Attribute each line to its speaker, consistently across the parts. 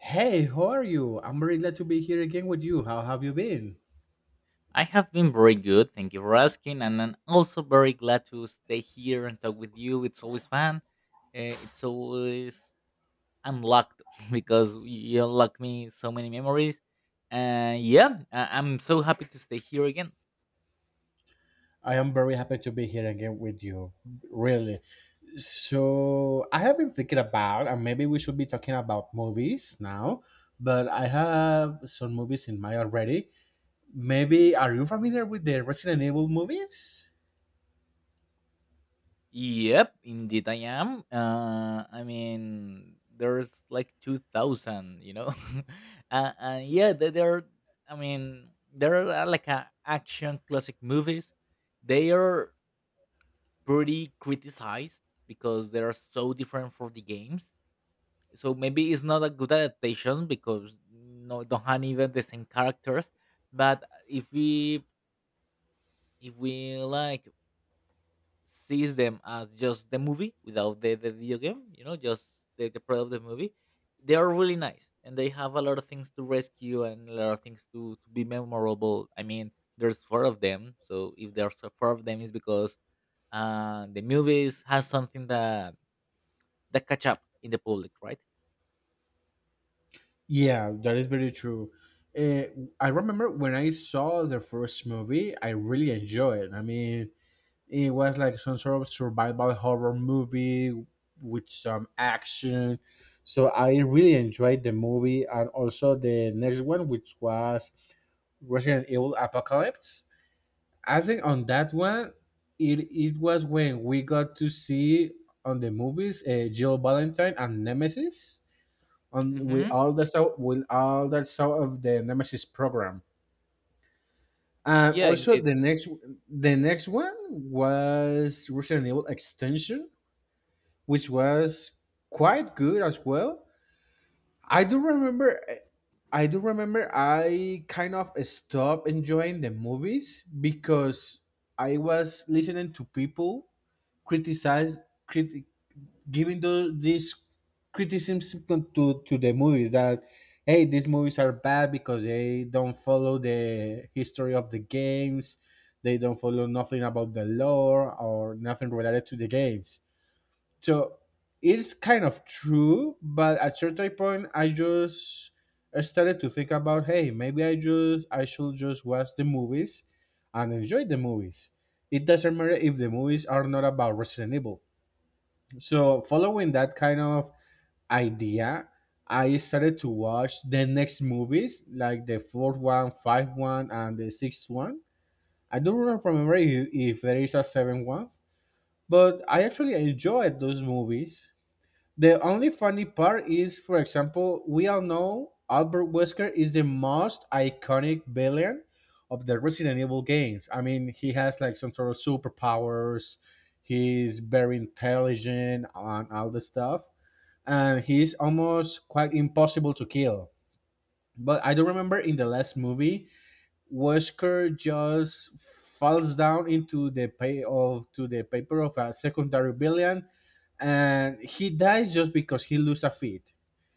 Speaker 1: Hey, how are you? I'm very glad to be here again with you. How have you been?
Speaker 2: I have been very good, thank you for asking, and I'm also very glad to stay here and talk with you. It's always fun. It's always unlocked because you unlock me so many memories. And yeah, I'm so happy to stay here again.
Speaker 1: I am very happy to be here again with you. Really. I have been thinking about, and maybe we should be talking about movies now, but I have some movies in mind already. Maybe, are you familiar with the Resident Evil movies?
Speaker 2: Yep, indeed I am. I mean, there's like 2,000, you know. Yeah, they- they're. I mean, there are like a action classic movies. They are pretty criticized because they are so different for the games. So maybe it's not a good adaptation because no don't have even the same characters. But if we like sees them as just the movie without the video game, you know, just the product of the movie, they are really nice and they have a lot of things to rescue and a lot of things to be memorable. I mean, there's four of them, so if there's four of them, it's because the movies has something that the catch up in the public, right?
Speaker 1: Yeah, that is very true. Uh, I remember when I saw the first movie, I really enjoyed it. I mean, it was like some sort of survival horror movie with some action. So I really enjoyed the movie and also the next one, which was Resident Evil Apocalypse. I think on that one, it was when we got to see on the movies Jill Valentine and Nemesis on with
Speaker 2: Mm-hmm.
Speaker 1: all the stuff, with all that stuff of the Nemesis program. And
Speaker 2: Yeah,
Speaker 1: also
Speaker 2: indeed.
Speaker 1: the next one was Resident Evil Extension, which was quite good as well. I do remember I do remember I kind of stopped enjoying the movies because I was listening to people criticize crit, giving those these criticisms to the movies that, hey, these movies are bad because they don't follow the history of the games, they don't follow nothing about the lore or nothing related to the games. So it's kind of true, but at certain point I just I started to think about, hey, maybe I should just watch the movies and enjoy the movies. It doesn't matter if the movies are not about Resident Evil. So, following that kind of idea, I started to watch the next movies, like the fourth one, fifth one, and the sixth one. I don't remember if there is a seventh one, but I actually enjoyed those movies. The only funny part is, for example, we all know Albert Wesker is the most iconic villain of the Resident Evil games. I mean, he has like some sort of superpowers. He's very intelligent and all the stuff, and he's almost quite impossible to kill. But I do not remember in the last movie, Wesker just falls down into the pay of to the paper of a secondary villain, and he dies just because he lose a feet.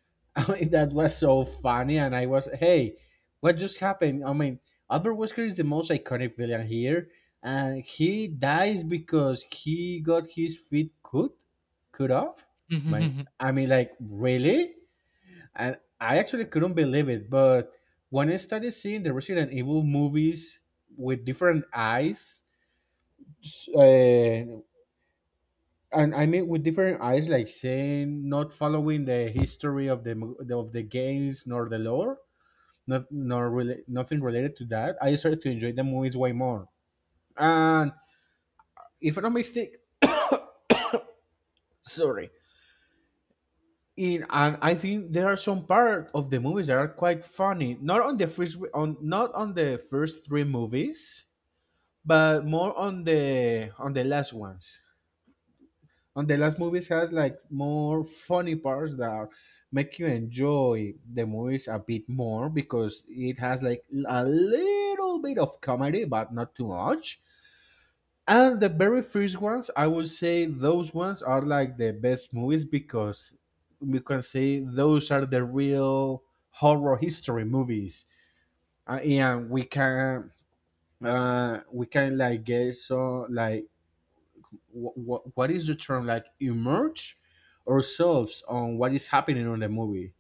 Speaker 1: I mean, that was so funny, and I was, hey, what just happened? I mean, Albert Wesker is the most iconic villain here, and he dies because he got his cut off. My, I mean, like, really? And I actually couldn't believe it. But when I started seeing the Resident Evil movies with different eyes, s- uh, and I mean with different eyes, like saying not following the history of the of the games nor the lore, not nor really nothing related to that, I started to enjoy the movies way more. And if I'm not mistaken, sorry. And I think there are some part of the movies that are quite funny. Not on the first on not on the first three movies, but more on the last ones. On the last movies has like more funny parts that are, make you enjoy the movies a bit more because it has like a little bit of comedy but not too much. And the very first ones, I would say those ones are like the best movies because we can say those are the real horror history movies. And we can like get so like, what is the term, like, immerse ourselves on what is happening on the movie.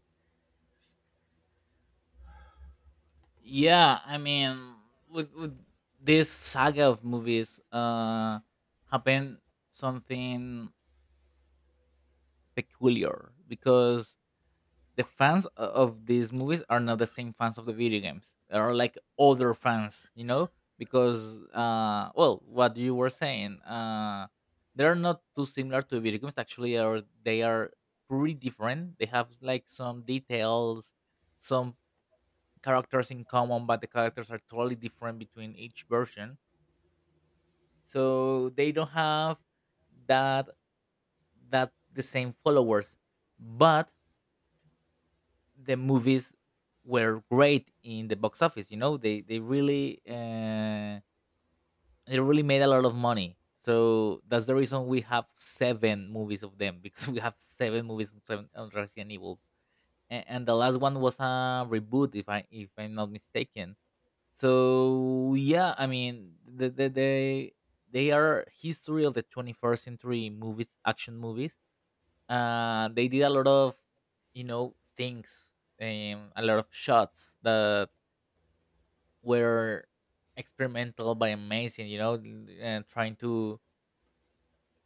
Speaker 2: yeah, I mean, with this saga of movies, happened something peculiar because the fans of these movies are not the same fans of the video games. They are like other fans, you know, because well, what you were saying, they are not too similar to video games. Actually, are they are pretty different. They have like some details, some characters in common, but the characters are totally different between each version. So they don't have that that the same followers, but the movies were great in the box office. You know, they really they really made a lot of money. So that's the reason we have seven movies of them because we have seven movies on, seven, on Resident Evil, and, the last one was a reboot, if I'm not mistaken. So yeah, I mean, they are history of the 21st century movies, action movies, they did a lot of, you know, things, a lot of shots that were experimental but amazing. You know, and trying to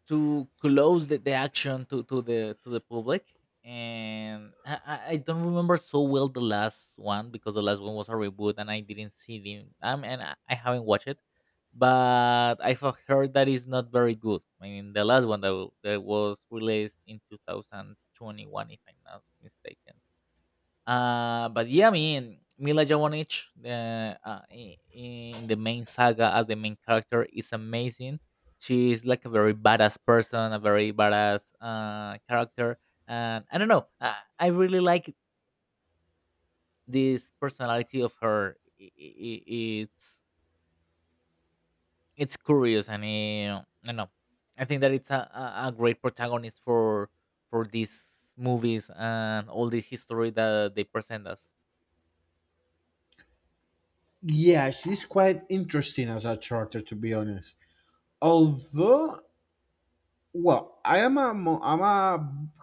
Speaker 2: close the action to the public. And I I don't remember so well the last one because the last one was a reboot and I didn't see the and I haven't watched it, but I've heard that it's not very good. I mean the last that was released in 2021, if I'm not mistaken. But yeah, I mean, Mila Jovovich in the main saga as the main character is amazing. She is like a very badass person, a very badass character, and I don't know. I really like this personality of her. It's curious, and I don't know. I think that it's a a great protagonist for these movies and all the history that they present us.
Speaker 1: Yes, it's quite interesting as a character, to be honest. Although, well, I am a I'm a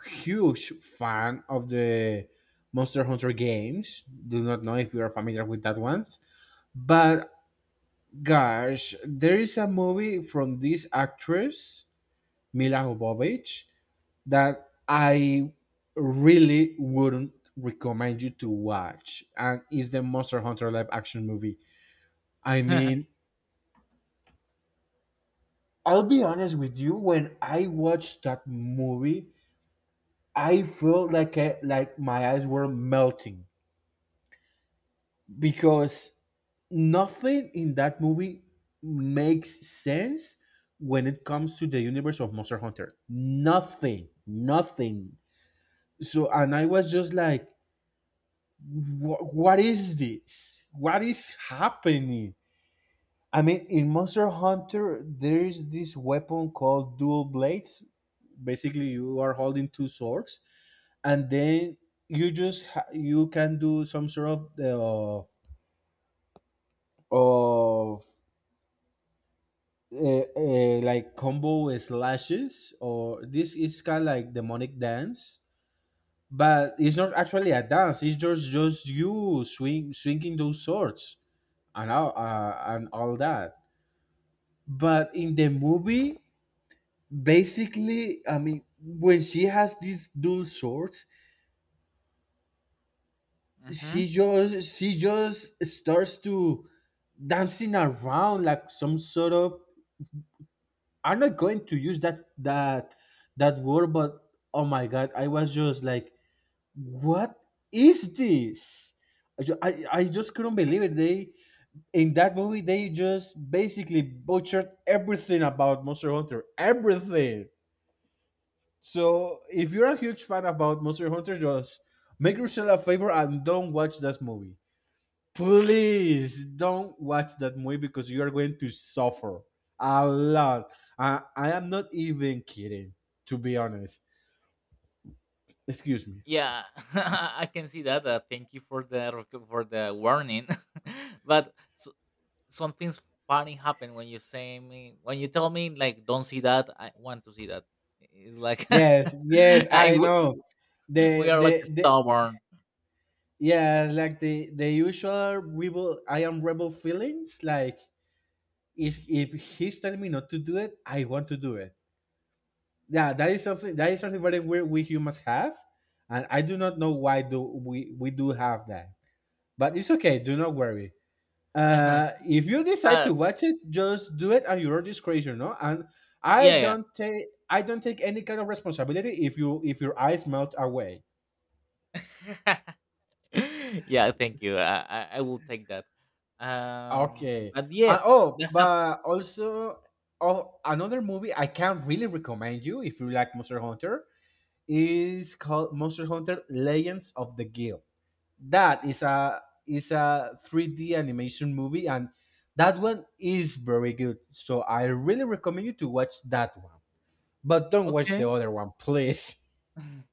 Speaker 1: huge fan of the Monster Hunter games. Do not know if you are familiar with that one, but gosh, there is a movie from this actress Mila Jovovich that I really wouldn't recommend you to watch, and it's the Monster Hunter live action movie. I mean, I'll be honest with you. When I watched that movie, I felt like like my eyes were melting because nothing in that movie makes sense when it comes to the universe of Monster Hunter. Nothing, nothing. So, and I was just like, what is this? What is happening? I mean, in Monster Hunter, there is this weapon called dual blades. Basically, you are holding two swords, and then you you can do some sort of of like combo slashes, or this is kind of like demonic dance, but it's not actually a dance. It's just you swinging those swords and all that. But in the movie, basically, I mean, when she has these dual swords,
Speaker 2: Hmm.
Speaker 1: she just starts to dancing around like some sort of. I'm not going to use that word, but oh my god, I was just like, what is this? I just couldn't believe it. They, in that movie, they just basically butchered everything about Monster Hunter. Everything. So if you're a huge fan about Monster Hunter, just make yourself a favor and don't watch that movie. Please don't watch that movie because you are going to suffer a lot. I am not even kidding, to be honest. Excuse me.
Speaker 2: Yeah, I can see that. Thank you for for the warning. But so, something funny happened when you tell me like don't see that. I want to see that. It's like
Speaker 1: Yes, yes,
Speaker 2: I,
Speaker 1: I know.
Speaker 2: we, we
Speaker 1: The
Speaker 2: are like
Speaker 1: the the
Speaker 2: stubborn.
Speaker 1: yeah, like the usual rebel, I am rebel feelings, like, is if he's telling me not to do it, I want to do it. Yeah, that is something, that is something very weird we humans have, and I do not know why do we do have that. But it's okay. Do not worry. If you decide
Speaker 2: But
Speaker 1: to watch it, just do it at your own discretion, no? And
Speaker 2: yeah,
Speaker 1: I don't take any kind of responsibility if you if your eyes melt away.
Speaker 2: yeah, yeah. Thank you. I will take that.
Speaker 1: Okay.
Speaker 2: But yeah,
Speaker 1: And, oh,
Speaker 2: that hap-
Speaker 1: but also, oh, another movie I can really recommend you if you like Monster Hunter is called Monster Hunter Legends of the Guild. That is a 3D animation movie, and that one is very good. So I really recommend you to watch that one. But don't watch
Speaker 2: okay.
Speaker 1: the other one, please.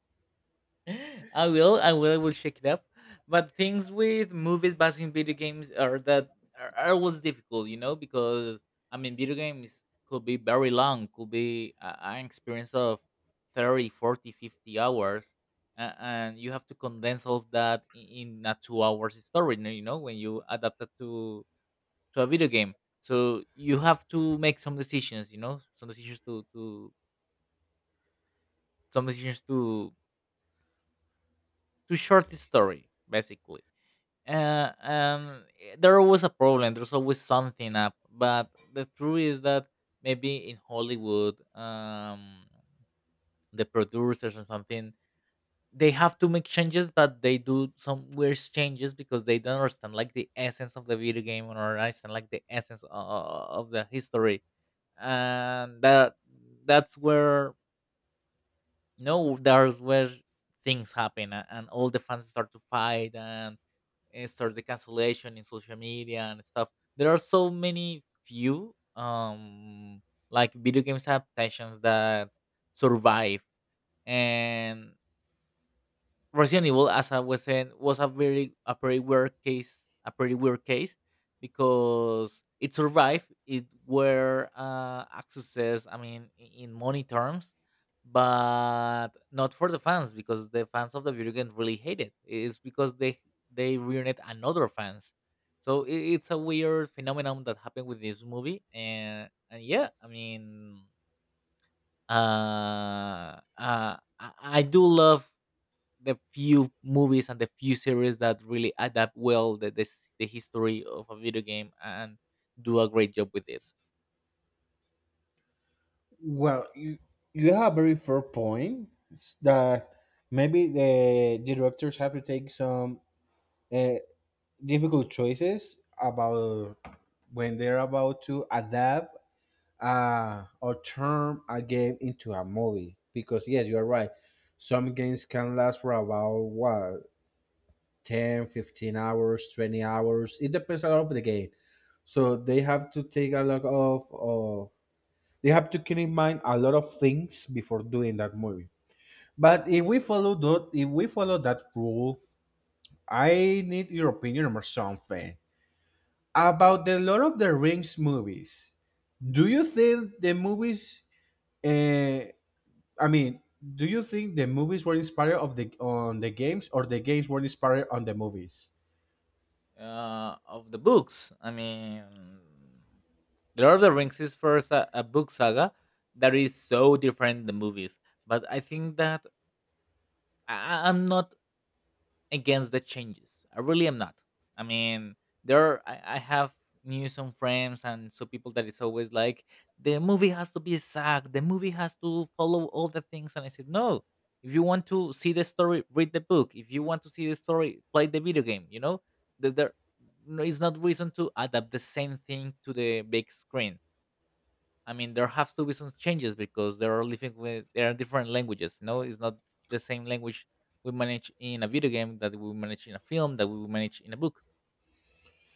Speaker 2: I will. I will. I will check it up. But things with movies based in video games are are always difficult, you know, because I mean, video games could be very long, could be an experience of 30, 40, 50 hours. And you have to condense all of that in a 2 hours story, you know, when you adapt it to a video game. So you have to make some decisions, you know, some decisions to some decisions to short the story, basically. There was a problem. There's always something up. But the truth is that maybe in Hollywood, the producers or something, they have to make changes, but they do some weird changes because they don't understand like the essence of the video game or understand like the essence of the history, and that's where no, there's where things happen and all the fans start to fight and start the cancellation in social media and stuff. There are so many few like video games adaptations that survive, and Resident Evil, as I was saying, was a pretty weird case, because it survived. It were a success. I mean, in money terms, but not for the fans because the fans of the video game really hate it. It's because they ruined another fans. So I it's a weird phenomenon that happened with this movie, and yeah, I mean, uh, uh, I, I do love the few movies and the few series that really adapt well the history of a video game and do a great job with it.
Speaker 1: Well, you have a very fair point that maybe the directors have to take some uh, difficult choices about when they're about to adapt or turn a game into a movie, because yes, you are right, some games can last for about, what, 10, 15 hours, 20 hours It depends a lot of the game. So they have to take a lot of they have to keep in mind a lot of things before doing that movie. But if we follow that rule, I need your opinion or something
Speaker 2: L-
Speaker 1: about the Lord of the Rings movies. Do you think the movies uh, I mean, do you think the movies were inspired of the on the games, or the games were inspired on the movies?
Speaker 2: Of the books, I mean, The Lord of the Rings is first a book saga that is so different than the movies, but I think that I'm not against the changes. I really am not. I mean, I have news on friends and so people that it's always like the movie has to be exact, the movie has to follow all the things, and I said no. If you want to see the story, read the book. If you want to see the story, play the video game. You know, there no, it's not reason to adapt the same thing to the big screen. I mean, there have to be some changes because they are living with there are different languages. You know, it's not the same language we manage in a video game that we manage in a film that we manage in a book.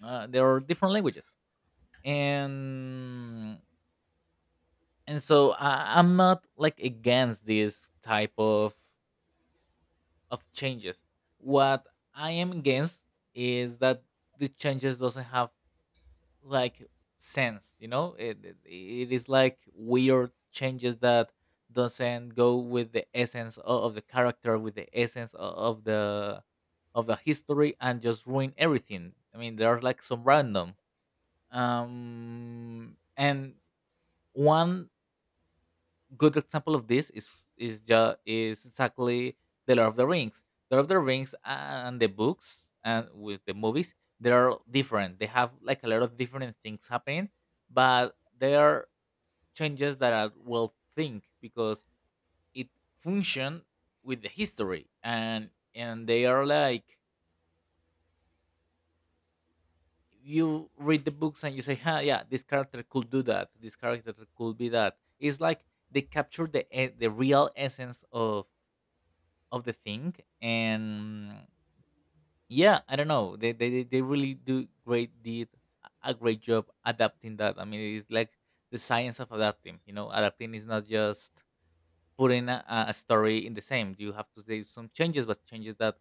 Speaker 2: There are different languages, and so I'm not like against this type of changes. What I am against is that the changes doesn't have like sense, you know. It is like weird changes that doesn't go with the essence of the character, with the essence of the history, and just ruin everything. I mean there are like some random and one good example of this is exactly the Lord of the Rings. The Lord of the Rings and the books and with the movies, they are different. They have like a lot of different things happening, but there are changes that I will think because it function with the history, and they are like you read the books and you say, huh, yeah, this character could do that. This character could be that. It's like they capture the real essence of the thing. And yeah, I don't know, they really do great did a great job adapting that. I mean it's like the science of adapting, you know. Adapting is not just putting a story in the same. You have to do some changes, but changes that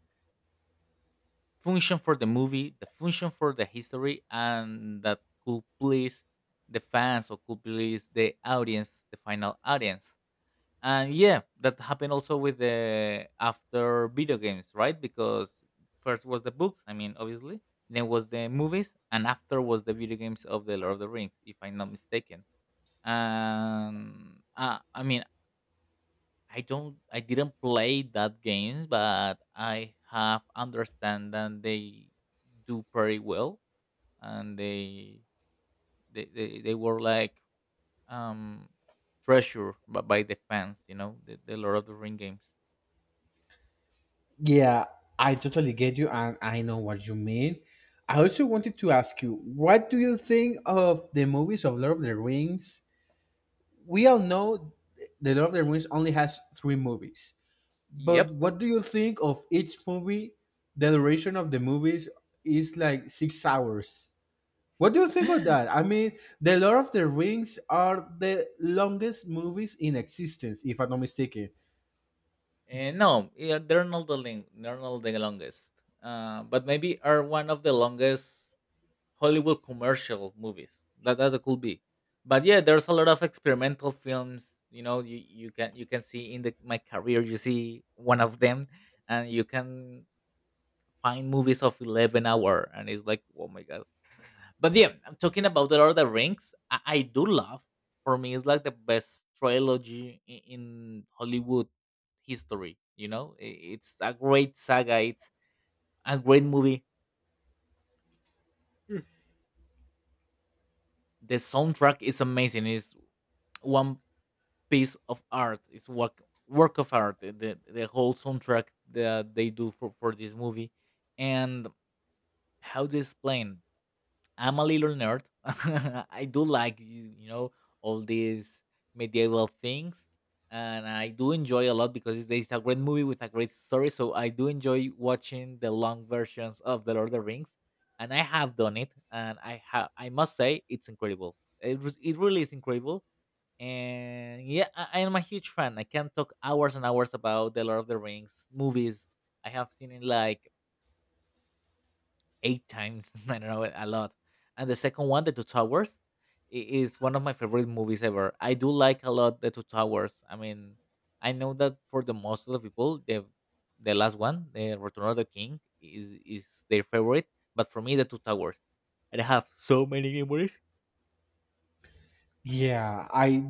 Speaker 2: function for the movie, the function for the history, and that could please the fans or could please the audience, the final audience. And yeah, that happened also with the after video games, right? Because first was the books, I mean, obviously, then was the movies, and after was the video games of the Lord of the Rings, if I'm not mistaken. And I mean, I didn't play that games, but I have understand that they do pretty well, and they were like um treasure by the fans, you know, the Lord of the Ring games.
Speaker 1: Yeah, I totally get you, and I know what you mean. I also wanted to ask you, what do you think of the movies of Lord of the Rings? We all know the Lord of the Rings only has three movies, but
Speaker 2: Yep.
Speaker 1: what do you think of each movie? The duration of the movies is like 6 hours. What do you think of that? I mean, The Lord of the Rings are the longest movies in existence, if I'm not mistaken.
Speaker 2: No, yeah, they're not the longest. But maybe are one of the longest Hollywood commercial movies. That could be. But yeah, there's a lot of experimental films. You know, you can see in the my career, you see one of them, and you can find movies of 11 hour, and it's like, oh my god. But yeah, I'm talking about the Lord of the Rings. I do love. For me, it's like the best trilogy in Hollywood history. You know, it's a great saga. It's a great movie. Mm. The soundtrack is amazing. It's one piece of art. It's work of art. The whole soundtrack that they do for this movie, and how to explain, I'm a little nerd. I do like you know all these medieval things, and I do enjoy a lot because it's a great movie with a great story. So I do enjoy watching the long versions of the Lord of the Rings, and I have done it, and I must say it's incredible. It really is incredible, and yeah, I am a huge fan. I can talk hours and hours about the Lord of the Rings movies. I have seen it like eight times. I don't know, a lot. And the second one, The Two Towers, is one of my favorite movies ever. I do like a lot The Two Towers. I mean, I know that for the most of the people, the last one, The Return of the King, is their favorite. But for me, The Two Towers. I have so many memories.
Speaker 1: Yeah, I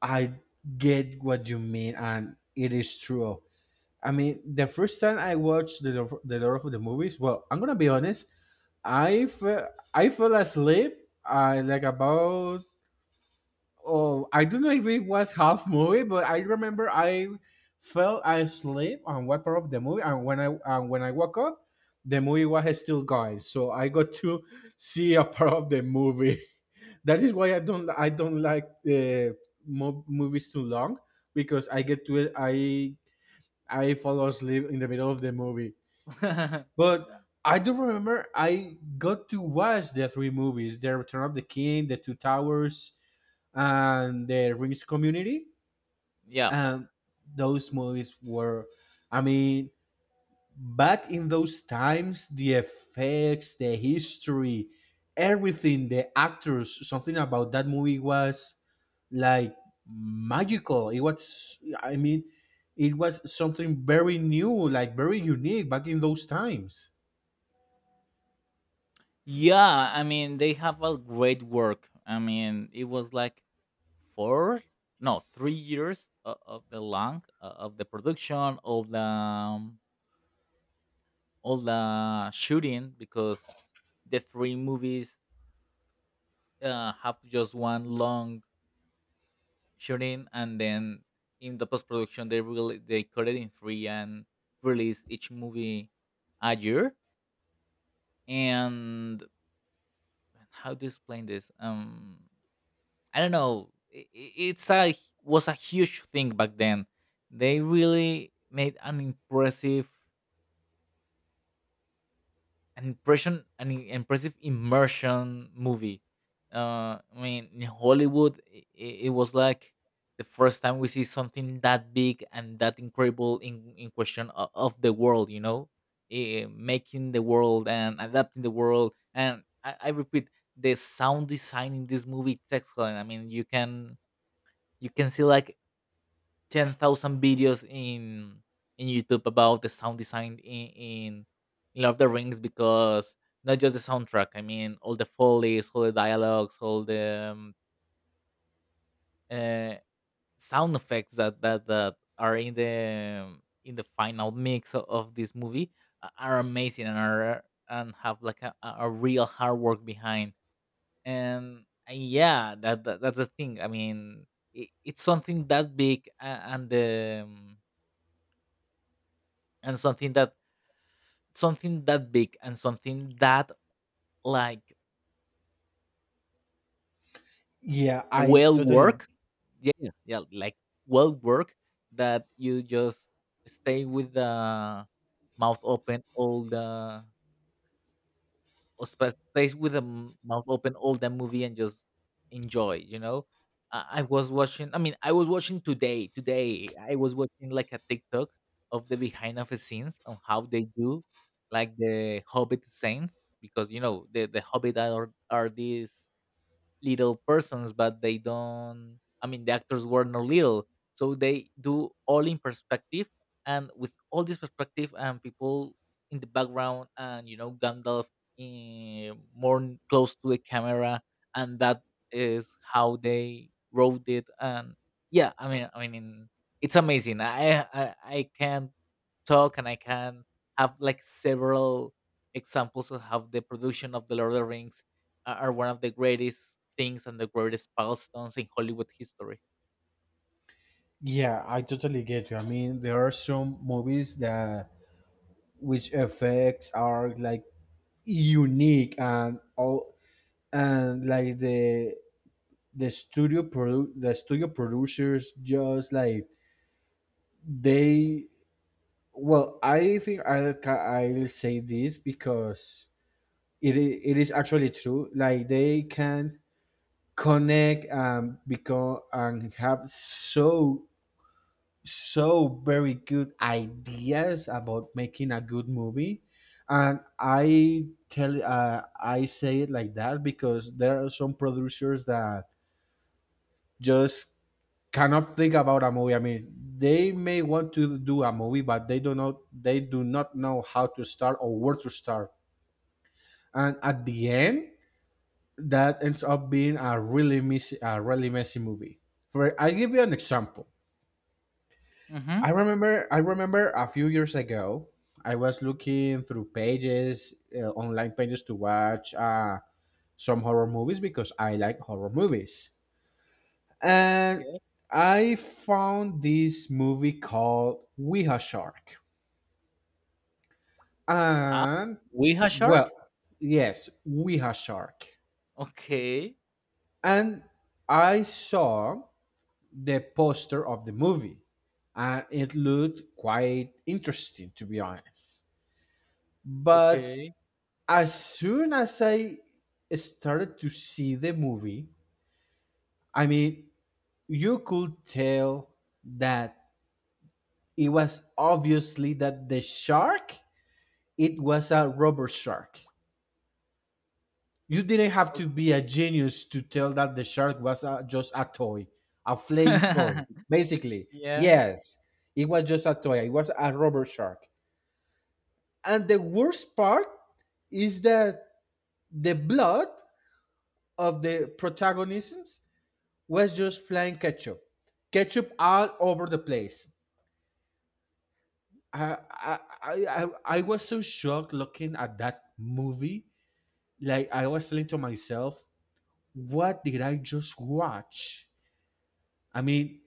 Speaker 1: I get what you mean, and it is true. I mean, the first time I watched the the Lord of the movies, well, I'm gonna be honest, I fell asleep. I like about, oh, I don't know if it was half movie, but I remember I fell asleep on one part of the movie, and when I woke up, the movie was still going. So I got to see a part of the movie. That is why I don't like movies too long because I get to it I fall asleep in the middle of the movie. But I do remember I got to watch the three movies: The Return of the King, The Two Towers, and the Rings community.
Speaker 2: yeah,
Speaker 1: And those movies were, I mean, back in those times, the effects, the history, everything, the actors, something about that movie was like magical. It was, I mean, it was something very new, like very unique back in those times.
Speaker 2: Yeah, I mean they have a great work. I mean it was like four, no, 3 years of the long of the production, all the shooting because the three movies have just one long shooting, and then in the post production they cut it in three and release each movie a year. And how to explain this? I don't know. I- It's a Was a huge thing back then. They really made an impressive, an impression, an im- impressive immersion movie. I mean, in Hollywood, it was like the first time we see something that big and that incredible in question of the world. You know, making the world and adapting the world. And I repeat, the sound design in this movie is excellent. I mean, you can see like 10,000 videos in YouTube about the sound design in Lord of the Rings because not just the soundtrack. I mean, all the follies, all the dialogues, all the uh, sound effects that are in the final mix of this movie are amazing and are and have like a real hard work behind. And yeah, that's the thing. I mean, it's something that big, and the and something that big and something that like
Speaker 1: Yeah, I
Speaker 2: well
Speaker 1: totally.
Speaker 2: work, yeah, yeah, yeah, like well work that you just stay with the mouth open all the or sp stays with the mouth open all that movie and just enjoy, you know? I mean, I was watching today, I was watching, like, a TikTok of the behind of the scenes on how they do, like, the Hobbit scenes because, you know, the Hobbit are these little persons, but they don't. I mean, the actors were not little, so they do all in perspective, and with all this perspective and people in the background, and you know Gandalf in, close to the camera, and that is how they wrote it. And yeah, I mean, it's amazing. I can talk and I can have like several examples of how the production of the Lord of the Rings are one of the greatest things and the greatest milestones in Hollywood history.
Speaker 1: Yeah, I totally get you. I mean, there are some movies that which effects are like unique and all, and like the the studio producers just like they... Well, I'll say this because it is actually true, like they can connect and become and have so very good ideas about making a good movie. And I tell, I say it like that because there are some producers that just cannot think about a movie. I mean, they may want to do a movie, but they do not know how to start or where to start, and at the end that ends up being a really messy movie. For, I give you an example. I
Speaker 2: Mm-hmm.
Speaker 1: remember I remember a few years ago I was looking through pages, online pages to watch, some horror movies because I like horror movies. And
Speaker 2: Yeah.
Speaker 1: I found this movie called Weha Shark.
Speaker 2: Huh?
Speaker 1: And...
Speaker 2: We have
Speaker 1: well,
Speaker 2: shark?
Speaker 1: yes, Weha Shark.
Speaker 2: Okay.
Speaker 1: And I saw the poster of the movie, and it looked quite interesting, to be honest. But
Speaker 2: Okay.
Speaker 1: as soon as I started to see the movie, I mean, you could tell that it was obviously that the shark, it was a rubber shark. You didn't have
Speaker 2: Okay.
Speaker 1: to be a genius to tell that the shark was a, just a toy, a flying toy, basically.
Speaker 2: Yeah.
Speaker 1: Yes, it was just a toy. It was a rubber shark. And the worst part is that the blood of the protagonists was just flying ketchup, ketchup all over the place. I I I, I was so shocked looking at that movie. Like, I was telling to myself, what did I just watch? I mean,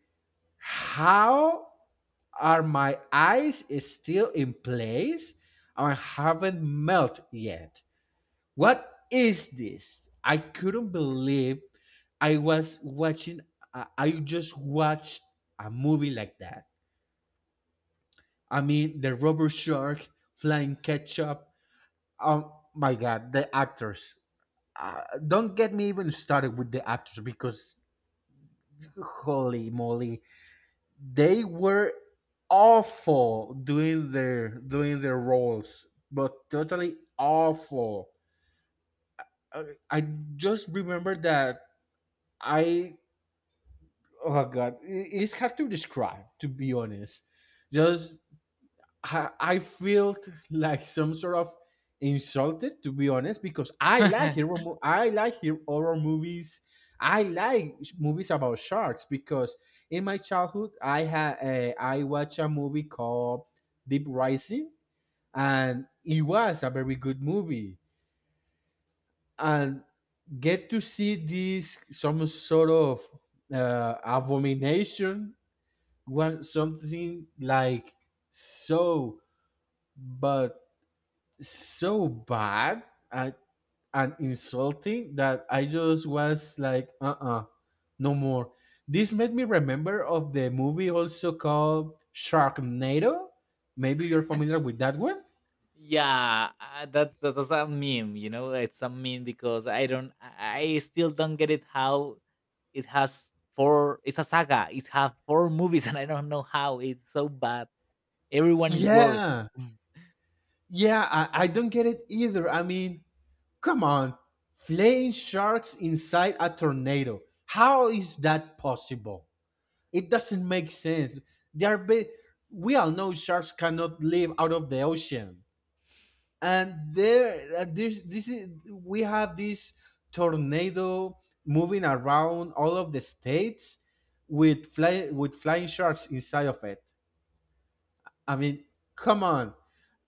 Speaker 1: how are my eyes is still in place? I haven't melted yet. What is this? I couldn't believe I was watching. I just watched a movie like that. I mean, the rubber shark, flying ketchup. Oh my God, the actors. Don't get me even started with the actors, because holy moly, they were awful doing their roles, but totally awful. Uh, I just remember that I... oh God, it's hard to describe, to be honest. Just... I felt like some sort of insulted, to be honest, because I like I like hero horror movies. I like movies about sharks because in my childhood I had, I watched a movie called Deep Rising, and it was a very good movie. And get to see this some sort of, abomination was something like so... but so bad and, and insulting that I just was like, no more. This made me remember of the movie also called Sharknado. Maybe you're familiar with that one.
Speaker 2: Yeah, that, that's a meme, you know. It's a meme because I don't, I still don't get it how it has four. It's a saga. It has four movies, and I don't know how it's so bad. Everyone is worse.
Speaker 1: Yeah, yeah, I don't get it either. I mean, come on, flying sharks inside a tornado. How is that possible? It doesn't make sense. They are ba- we all know sharks cannot live out of the ocean, and there, this is, we have this tornado moving around all of the states with flying sharks inside of it. I mean, come on.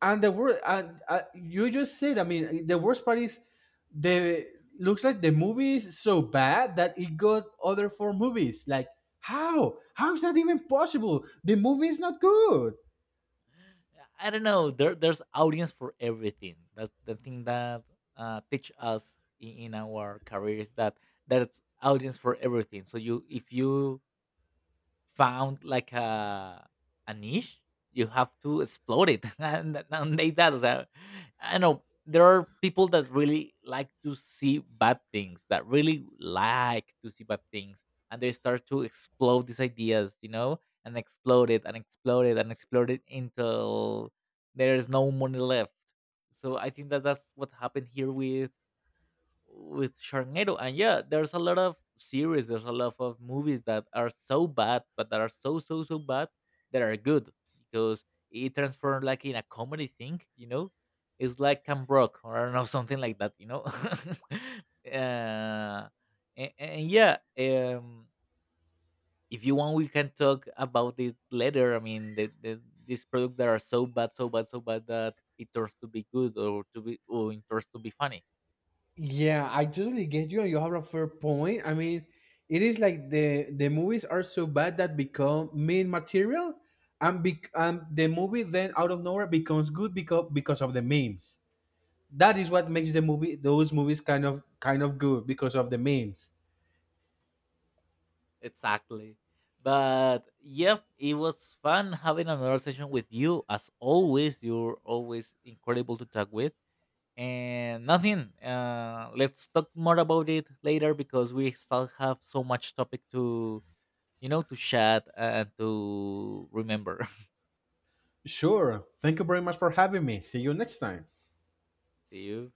Speaker 1: And the word and you just said, I mean, the worst part is, the... looks like the movie is so bad that it got other four movies. Like, how is that even possible? The movie is not good.
Speaker 2: I don't know. There's audience for everything. That's the thing that teach us in our careers that there's audience for everything. So you, if you found like a niche, you have to explore it and they that. So, I know there are people that really like to see bad things, that really like to see bad things, and they start to explode these ideas, you know, and explode it and explode it and explode it until there is no money left. So I think that that's what happened here with Sharknado. And yeah, there's a lot of series, there's a lot of movies that are so bad, but that are so so so bad that are good because it transformed like in a comedy thing, you know. It's like Cam Brock or I don't know something like that, you know. uh, and yeah, if you want, we can talk about it later. I mean, these products that are so bad, so bad, so bad that it turns to be good or to be or it turns to be funny.
Speaker 1: Yeah, I totally get you, and you have a fair point. I mean, it is like the movies are so bad that become main material, and the movie then out of nowhere becomes good because of the memes. That is what makes the movie those movies kind of good because of the memes.
Speaker 2: Exactly. But yep, it was fun having another session with you. As always, you're always incredible to talk with. And nothing. Let's talk more about it later because we still have so much topic to, you know, to chat and to remember.
Speaker 1: Sure. Thank you very much for having me. See you next time.
Speaker 2: See you.